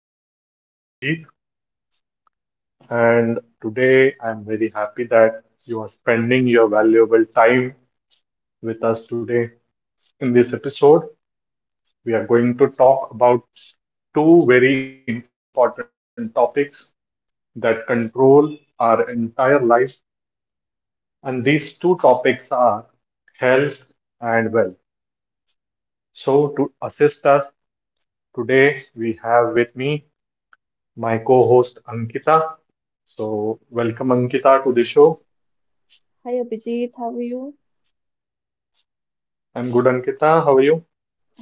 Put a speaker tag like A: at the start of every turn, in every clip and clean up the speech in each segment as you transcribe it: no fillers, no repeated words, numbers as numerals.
A: I am your host, Abhijit, and today I am very happy that you are spending your valuable time with us today. In this episode, we are going to talk about two very important topics that control our entire life, and these two topics are health and wealth. So, to assist us today, we have with me my co-host Ankita. So, welcome Ankita to the show.
B: Hi Abhijit, how are you?
A: I'm good, Ankita. How are you?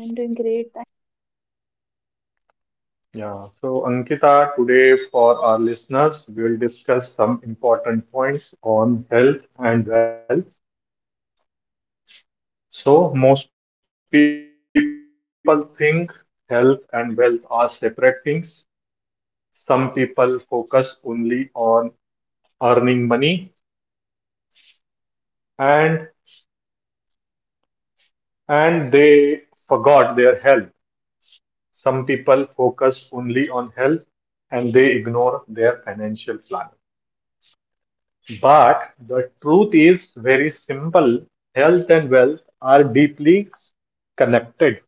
B: I'm doing great.
A: Yeah. So, Ankita, today for our listeners, we will discuss some important points on health and wealth. So, most people think health and wealth are separate things. Some people focus only on earning money and and they forgot their health. Some people focus only on health and they ignore their financial planning. But the truth is very simple. Health and wealth are deeply connected.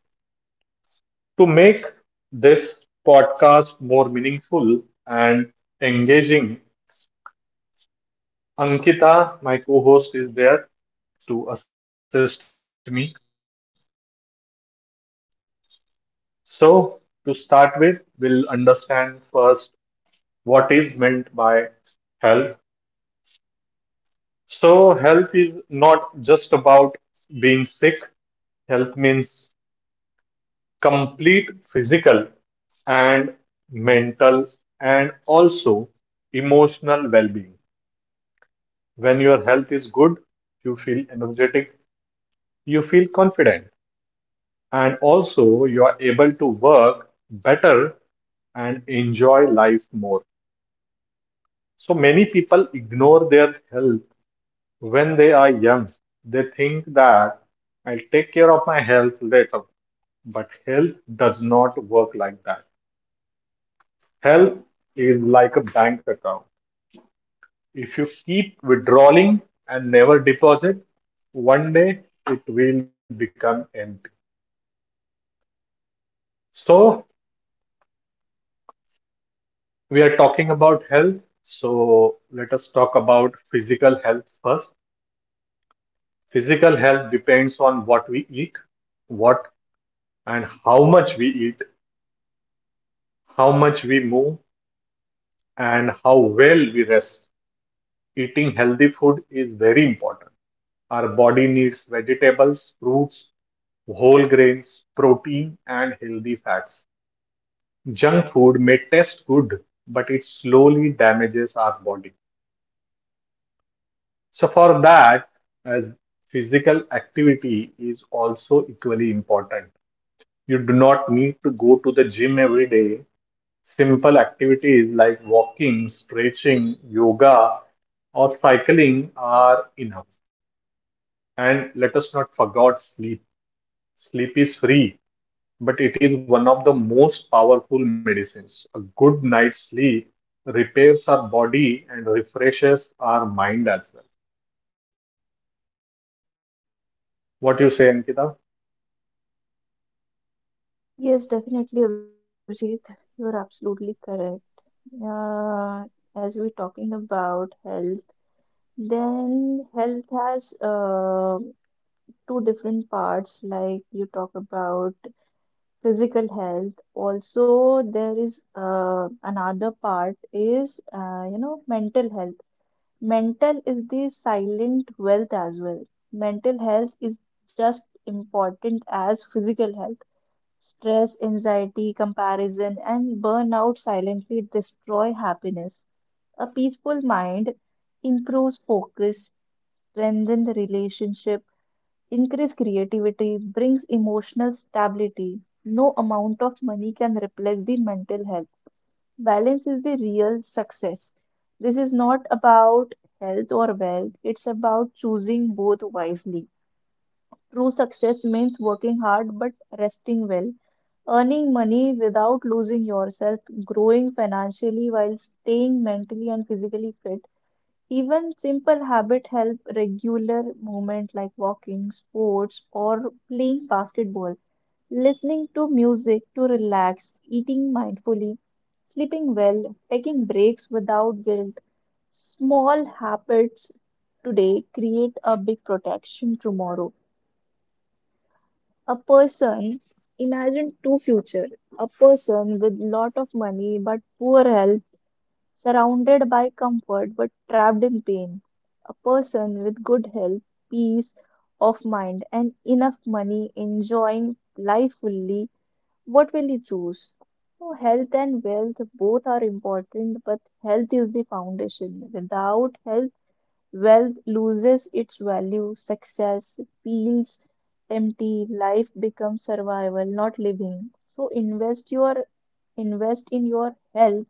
A: To make this podcast more meaningful and engaging, Ankita, my co host, is there to assist me. So, to start with, we'll understand first what is meant by health. So, health is not just about being sick. Health means complete physical and mental and also emotional well being. When your health is good, you feel energetic, you feel confident, and also you are able to work better and enjoy life more. So, many people ignore their health. When they are young, they think that I'll take care of my health later. But health does not work like that. Health is like a bank account. If you keep withdrawing and never deposit, one day it will become empty. So, we are talking about health. So, let us talk about physical health first. Physical health depends on what we eat, what and how much we eat, how much we move, and how well we rest. Eating healthy food is very important. Our body needs vegetables, fruits, whole grains, protein, and healthy fats. Junk food may taste good, but it slowly damages our body. So, for that, as physical activity is also equally important. You do not need to go to the gym every day. Simple activities like walking, stretching, yoga, or cycling are enough. And let us not forget sleep. Sleep is free, but it is one of the most powerful medicines. A good night's sleep repairs our body and refreshes our mind as well. What you say, Ankita?
B: Yes, definitely, Abhijit. You're absolutely correct. Uh, as we're talking about health, then health has two different parts, like you talk about physical health. Also, there is another part is mental health. Mental is the silent wealth as well. Mental health is just important as physical health. Stress, anxiety, comparison, and burnout silently destroy happiness. A peaceful mind improves focus, strengthens the relationship, increases creativity, brings emotional stability. No amount of money can replace the mental health. Balance is the real success. This is not about health or wealth, it's about choosing both wisely. True success means working hard but resting well. Earning money without losing yourself, growing financially while staying mentally and physically fit. Even simple habit help regular movement like walking, sports, or playing basketball, listening to music to relax, eating mindfully, sleeping well, taking breaks without guilt. Small habits today create a big protection tomorrow. A person, imagine two future. A person with lot of money but poor health, surrounded by comfort but trapped in pain. A person with good health, peace of mind, and enough money, enjoying life fully. What will you choose? Oh, health and wealth both are important, but health is the foundation. Without health, wealth loses its value, success feels empty, life becomes survival, not living. So invest in your health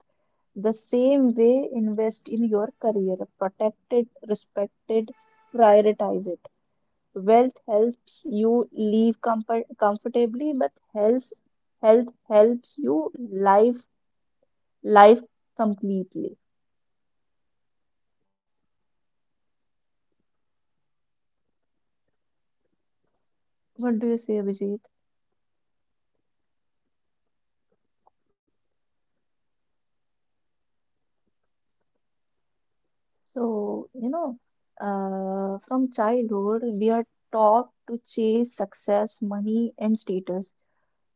B: the same way invest in your career. Protect it, respect it, prioritize it. Wealth helps you live comfortably, but health helps you life completely.
A: Yes, Ankita, very well said.
B: What do you say, Vijay?
A: Yes, you are true. You have explained it very meaningfully. So
B: So, you know,
A: I'll try to
B: from
A: explain.
B: childhood,
A: Yes, yes,
B: we are
A: Angel.
B: taught to chase success, money, and status.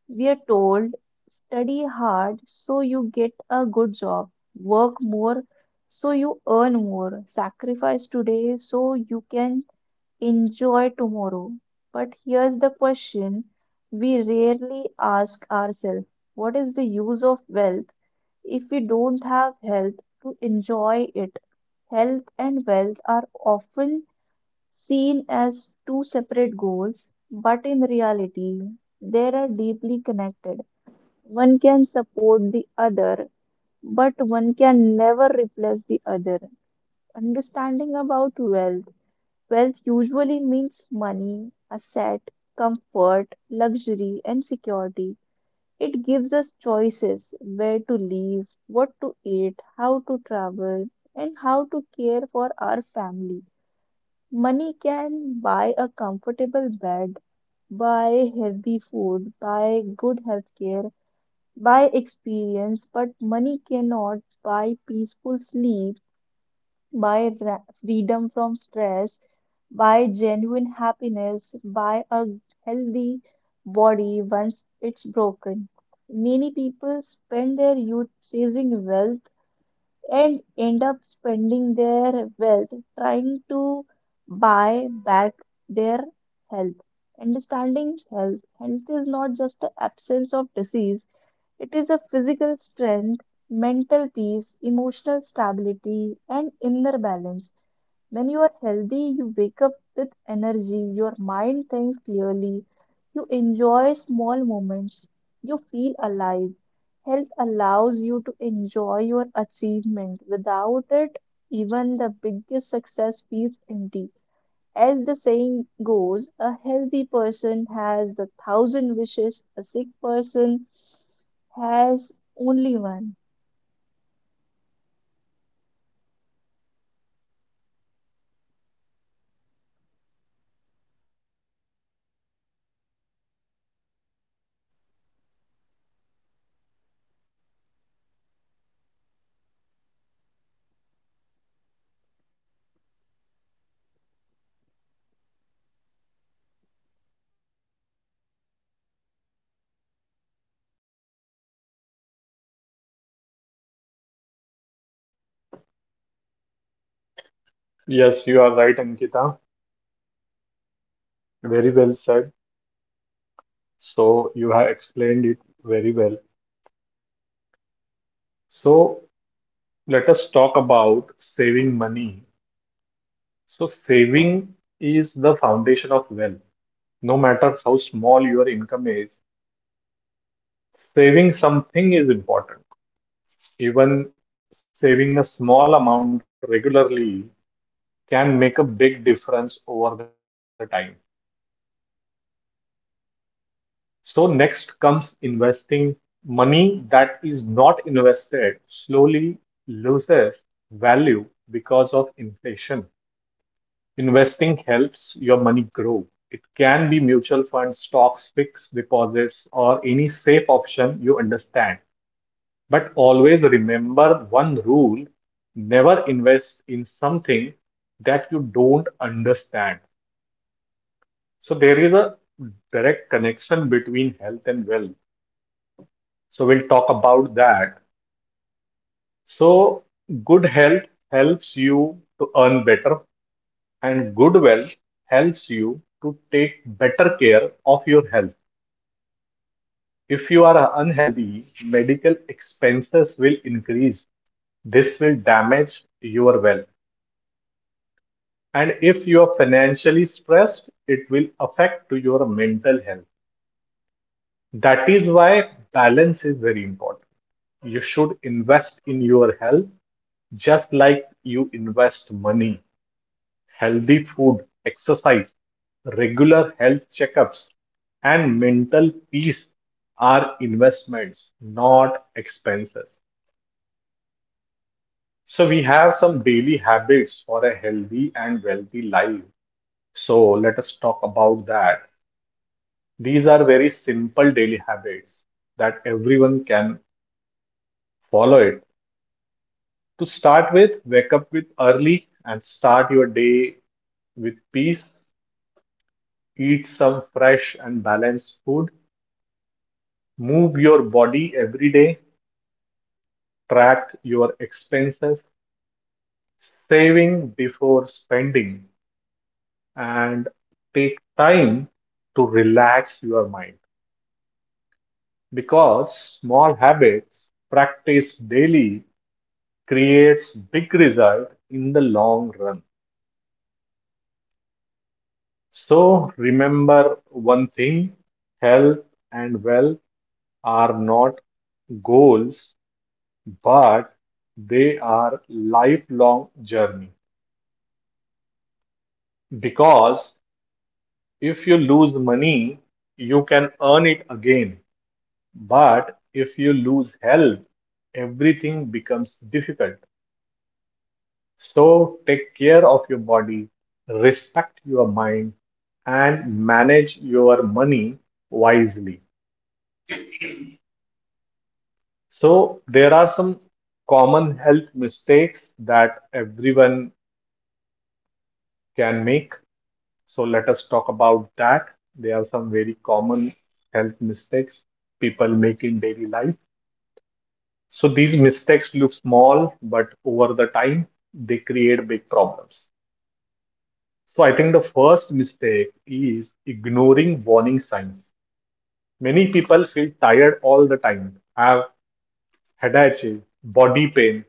B: We are told, study hard so you get a good job, work more so you earn more, sacrifice today so you can enjoy tomorrow. But here's the question we rarely ask ourselves, what is the use of wealth if we don't have health to enjoy it. Health and wealth are often seen as two separate goals, but in reality, they are deeply connected. One can support the other, but one can never replace the other. Understanding about wealth usually means money, asset, comfort, luxury, and security. It gives us choices where to live, what to eat, how to travel, and how to care for our family. Money can buy a comfortable bed, buy healthy food, buy good health care, buy experience, but money cannot buy peaceful sleep freedom from stress, by genuine happiness, by a healthy body once it's broken. Many people spend their youth chasing wealth and end up spending their wealth trying to buy back their health. Understanding health. Health is not just the absence of disease, it is a physical strength mental peace, emotional stability, and inner balance. When you are healthy, you wake up with energy, your mind thinks clearly, you enjoy small moments, you feel alive. Health allows you to enjoy your achievement. Without it, even the biggest success feels empty. As the saying goes, a healthy person has the thousand wishes, a sick person has only one.
A: Yes, you are right, Ankita. Very well said. So you have explained it very well. So let us talk about saving money. So saving is the foundation of wealth. No matter how small your income is, saving something is important. Even saving a small amount regularly can make a big difference over the time. So next comes investing money that is not invested slowly loses value because of inflation. Investing helps your money grow. It can be mutual funds, stocks, fixed deposits, or any safe option you understand. But always remember one rule, never invest in something that you don't understand. So there is a direct connection between health and wealth. So we'll talk about that. So good health helps you to earn better, and good wealth helps you to take better care of your health. Are unhealthy, medical expenses will increase. This will damage your wealth. And if you are financially stressed, it will affect to your mental health. That is why balance is very important. You should invest in your health. Just like you invest money, healthy food, exercise, regular health checkups, and mental peace are investments, not expenses. So, we have some daily habits for a healthy and wealthy life. So, let us talk about that. These are very simple daily habits that everyone can follow it. To start with, wake up with early and start your day with peace. Eat some fresh and balanced food. Move your body every day. Track your expenses. Saving before spending. And take time to relax your mind. Because small habits practiced daily creates big result in the long run. So remember one thing, health and wealth are not goals, but they are lifelong journey, because if you lose money you can earn it again, but if you lose health everything becomes difficult. So take care of your body, respect your mind, and manage your money wisely. So there are some common health mistakes that everyone can make. So let us talk about that. There are some very common health mistakes people make in daily life. So these mistakes look small, but over the time they create big problems. So I think the first mistake is ignoring warning signs. Many people feel tired all the time, have headache, body pain,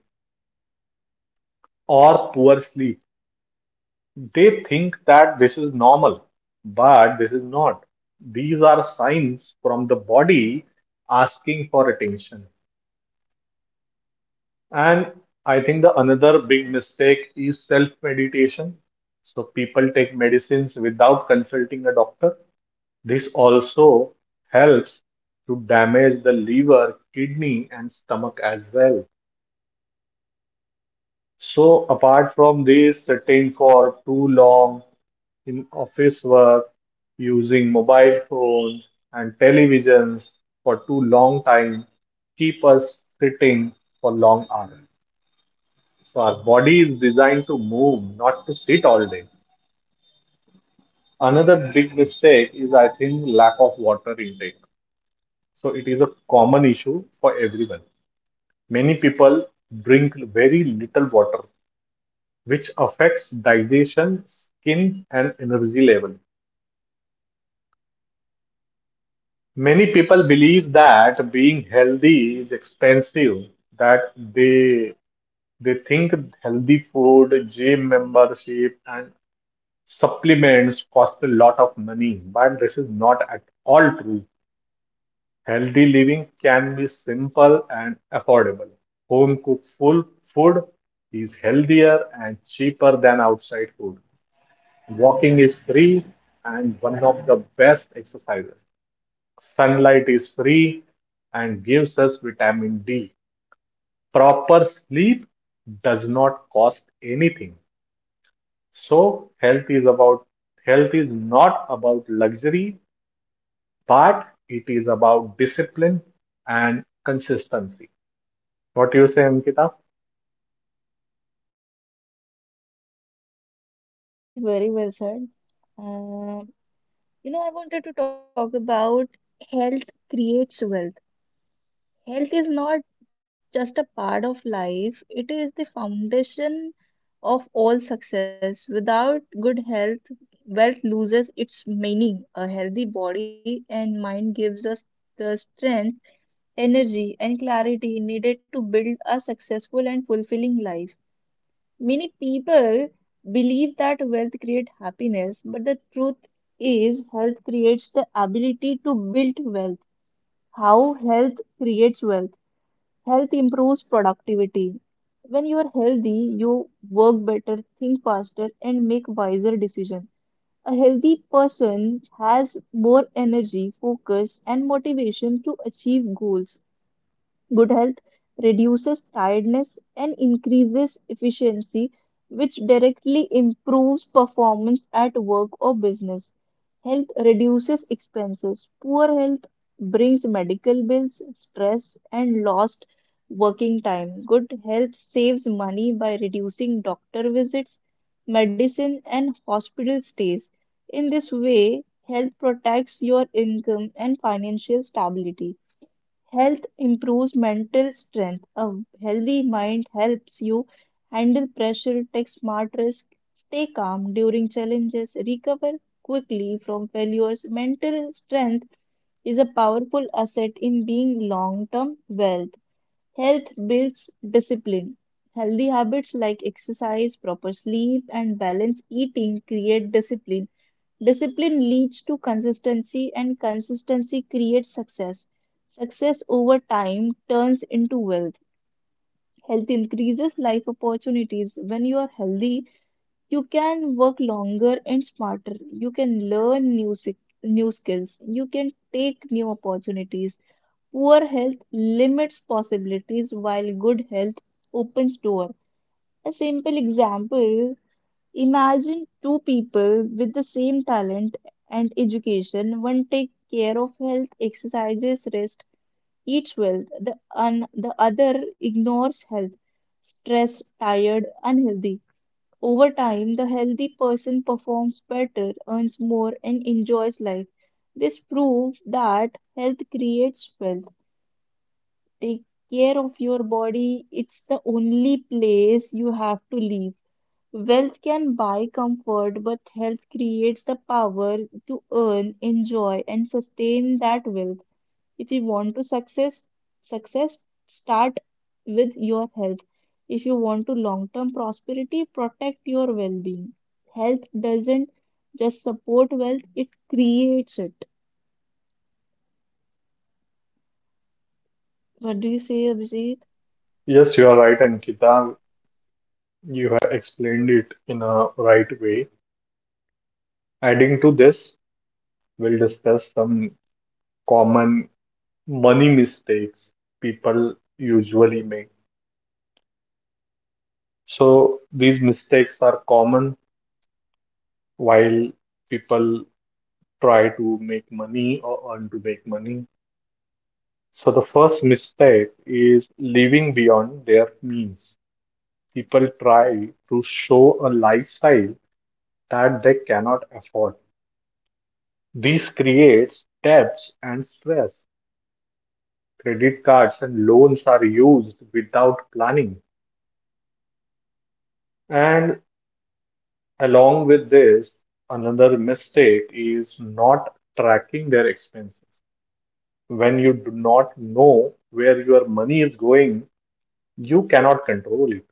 A: or poor sleep. They think that this is normal, but this is not. These are signs from the body asking for attention. And I think the another big mistake is self meditation. So people take medicines without consulting a doctor. This also helps to damage the liver, kidney, and stomach as well. So apart from this, sitting for too long in office work, using mobile phones and televisions for too long time keep us sitting for long hours. So our body is designed to move, not to sit all day. Another big mistake is, I think, lack of water intake. So it is a common issue for everyone. Many people drink very little water, which affects digestion, skin, and energy level. Many people believe that being healthy is expensive, that they think healthy food, gym membership, and supplements cost a lot of money, but this is not at all true. Healthy living can be simple and affordable. Home cooked full food is healthier and cheaper than outside food. Walking is free and one of the best exercises. Sunlight is free and gives us vitamin D. Proper sleep does not cost anything. So health is about health is not about luxury, but it is about discipline and consistency. What do you say, Ankita?
B: Yes, Abhijit, very well said. Uh, You know, I wanted to talk about health creates wealth. Health is not just a part of life, it is the foundation of all success. Without good health, wealth loses its meaning. A healthy body and mind gives us the strength, energy, and clarity needed to build a successful and fulfilling life. Many people believe that wealth creates happiness, but the truth is health creates the ability to build wealth. How health creates wealth. Health improves productivity. When you are healthy, you work better, think faster, and make wiser decisions. A healthy person has more energy, focus, and motivation to achieve goals. Good health reduces tiredness and increases efficiency, which directly improves performance at work or business. Health reduces expenses. Poor health brings medical bills, stress, and lost working time. Good health saves money by reducing doctor visits, medicine, and hospital stays. In this way, health protects your income and financial stability. Health improves mental strength. A healthy mind helps you handle pressure, take smart risks, stay calm during challenges, recover quickly from failures. Mental strength is a powerful asset in being long term wealth. Health builds discipline. Healthy habits like exercise, proper sleep, and balanced eating create discipline. Discipline leads to consistency, and consistency creates success. Success over time turns into wealth. Health increases life opportunities. When you are healthy, you can work longer and smarter. You can learn new skills. You can take new opportunities. Poor health limits possibilities, while good health opens door. A simple example. Imagine two people with the same talent and education. One takes care of health, exercises, rest, eats well. The other ignores health, stress, tired, unhealthy. Over time, the healthy person performs better, earns more, and enjoys life. This proves that health creates wealth. Take care of your body. It's the only place you have to live. Wealth can buy comfort, but health creates the power to earn, enjoy, and sustain that wealth. If you want to success, success start with your health. If you want to long-term prosperity, protect your well-being. Health doesn't just support wealth, it creates it. What do you say, Abhijit?
A: Yes, you are right, Ankita. You have explained it in a right way. Adding to this, we'll discuss some common money mistakes people usually make. So these mistakes are common while people try to make money or earn to make money. So the first mistake is living beyond their means. People try to show a lifestyle that they cannot afford. This creates debts and stress. Credit cards and loans are used without planning. And along with this, another mistake is not tracking their expenses. When you do not know where your money is going, you cannot control it.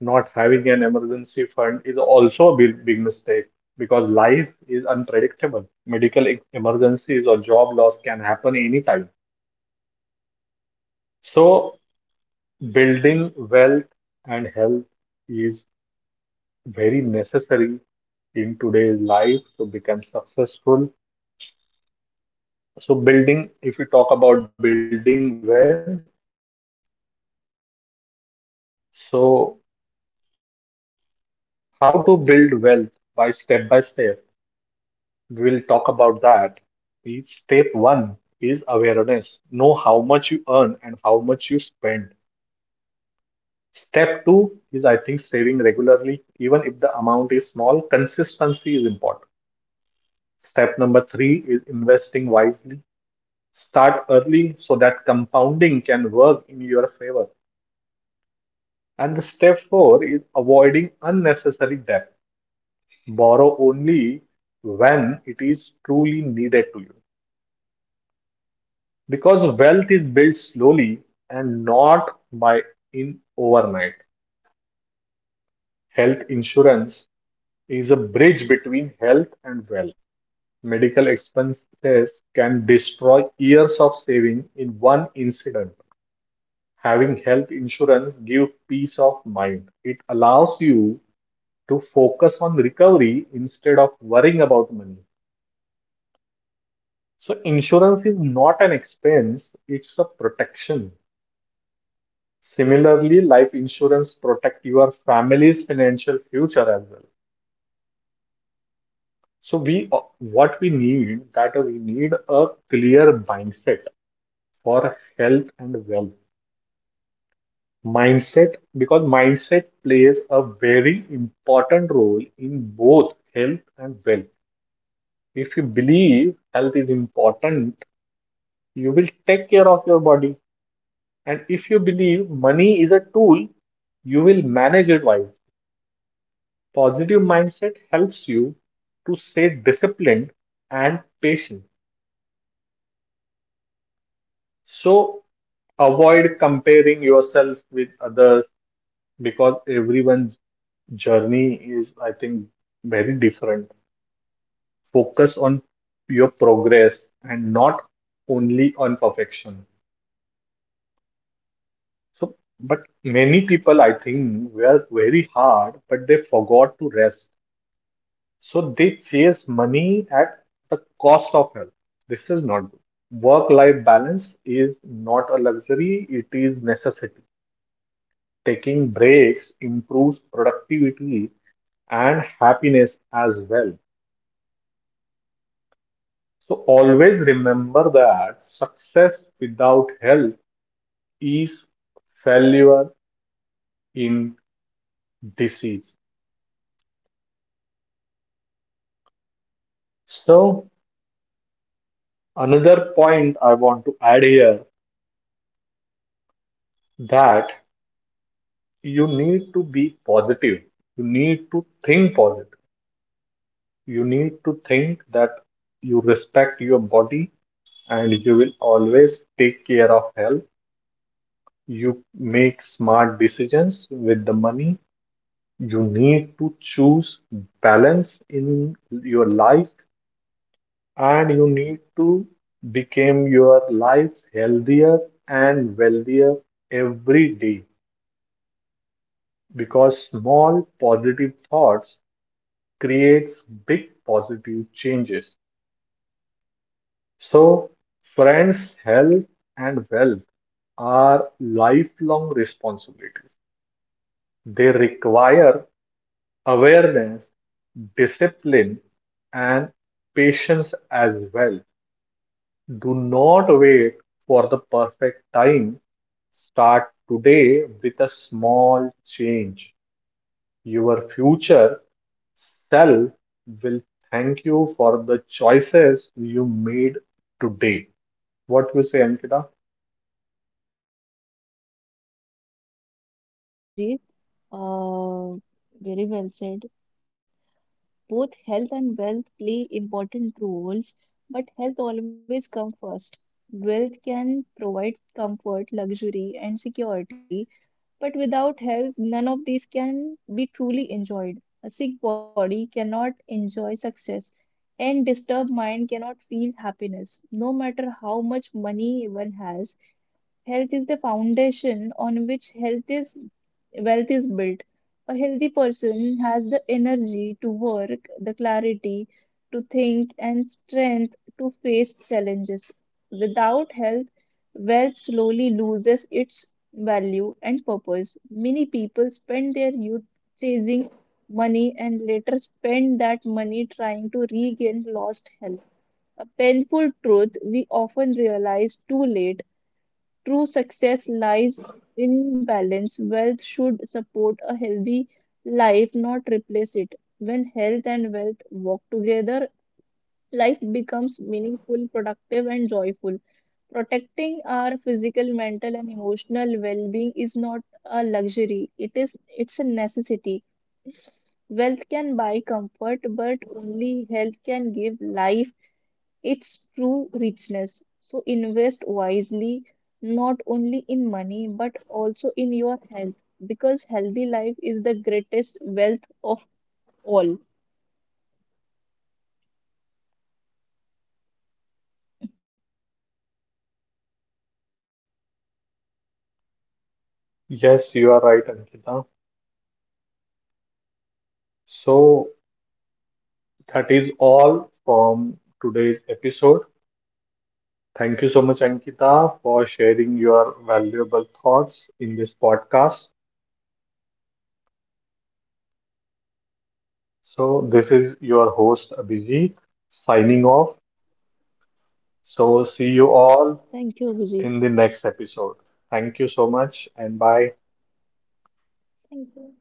A: Not having an emergency fund is also a big, big mistake, because life is unpredictable. Emergencies or job loss can happen anytime. So, building wealth and health is very necessary in today's life to become successful. So, building, if you talk about building wealth, so how to build wealth by step by step. We'll talk about that. Is Step one is awareness. Know how much you earn and how much you spend. Step two is, I think, saving regularly, even if the amount is small. Consistency is important. Step number three is investing wisely. Start early so that compounding can work in your favor. And the step four is avoiding unnecessary debt. Borrow only when it is truly needed to you. Because wealth is built slowly and not by in overnight. Health insurance is a bridge between health and wealth. Medical expenses can destroy years of saving in one incident. Having health insurance gives peace of mind. It allows you to focus on recovery instead of worrying about money. So insurance is not an expense, it's a protection. Similarly, life insurance protect your family's financial future as well. So we what we need that we need a clear mindset for health and wealth. Mindset because mindset plays a very important role in both health and wealth. If you believe health is important, you will take care of your body. And if you believe money is a tool, you will manage it wisely. Positive mindset helps you to stay disciplined and patient. So avoid comparing yourself with others because everyone's journey is, I think, very different. Focus on your progress and not only on perfection. So, but many people, I think, were very hard, but they forgot to rest. So they chase money at the cost of health. This is not good. Work-life balance is not a luxury, it is necessity. Taking breaks improves productivity and happiness as well. So always remember that success without health is failure in disease. So another point I want to add here that you need to be positive. You need to think positive. You need to think that you respect your body and you will always take care of health. You make smart decisions with the money. You need to choose balance in your life and you need to become your life healthier and wealthier every day, because small positive thoughts creates big positive changes. So, friends' health and wealth are lifelong responsibilities. They require awareness, discipline, and patience as well. Do not wait for the perfect time. Start today with a small change. Your future Cell will thank you for the choices you made today. What you say, Ankita?
B: Yes, correct, Abhijit. Uh, very well said. Both health and wealth play important roles, but health always comes first. Wealth can provide comfort, luxury, and security, but without health, none of these can be truly enjoyed. A sick body cannot enjoy success, and disturbed mind cannot feel happiness, no matter how much money one has. Health is the foundation on which health is wealth is built. A healthy person has the energy to work, the clarity to think, and strength to face challenges. Without health, wealth slowly loses its value and purpose. Many people spend their youth chasing money and later spend that money trying to regain lost health. A painful truth we often realize too late. True success lies in balance. Wealth should support a healthy life, not replace it. When health and wealth walk together, life becomes meaningful, productive, and joyful. Protecting our physical, mental, and emotional well-being is not a luxury. It's a necessity. Wealth can buy comfort, but only health can give life its true richness. So invest wisely, not only in money but also in your health, because healthy life is the greatest wealth of all. What do you say, Abhijit?
A: Yes, you are right, Ankita. So that is all from today's episode. Thank you so much, Ankita, for sharing your valuable thoughts in this podcast. So this is your host, Abhijit, signing off. So see you all
B: Thank you, Abhijit.
A: in the next episode. Thank you so much and bye.
B: Thank you.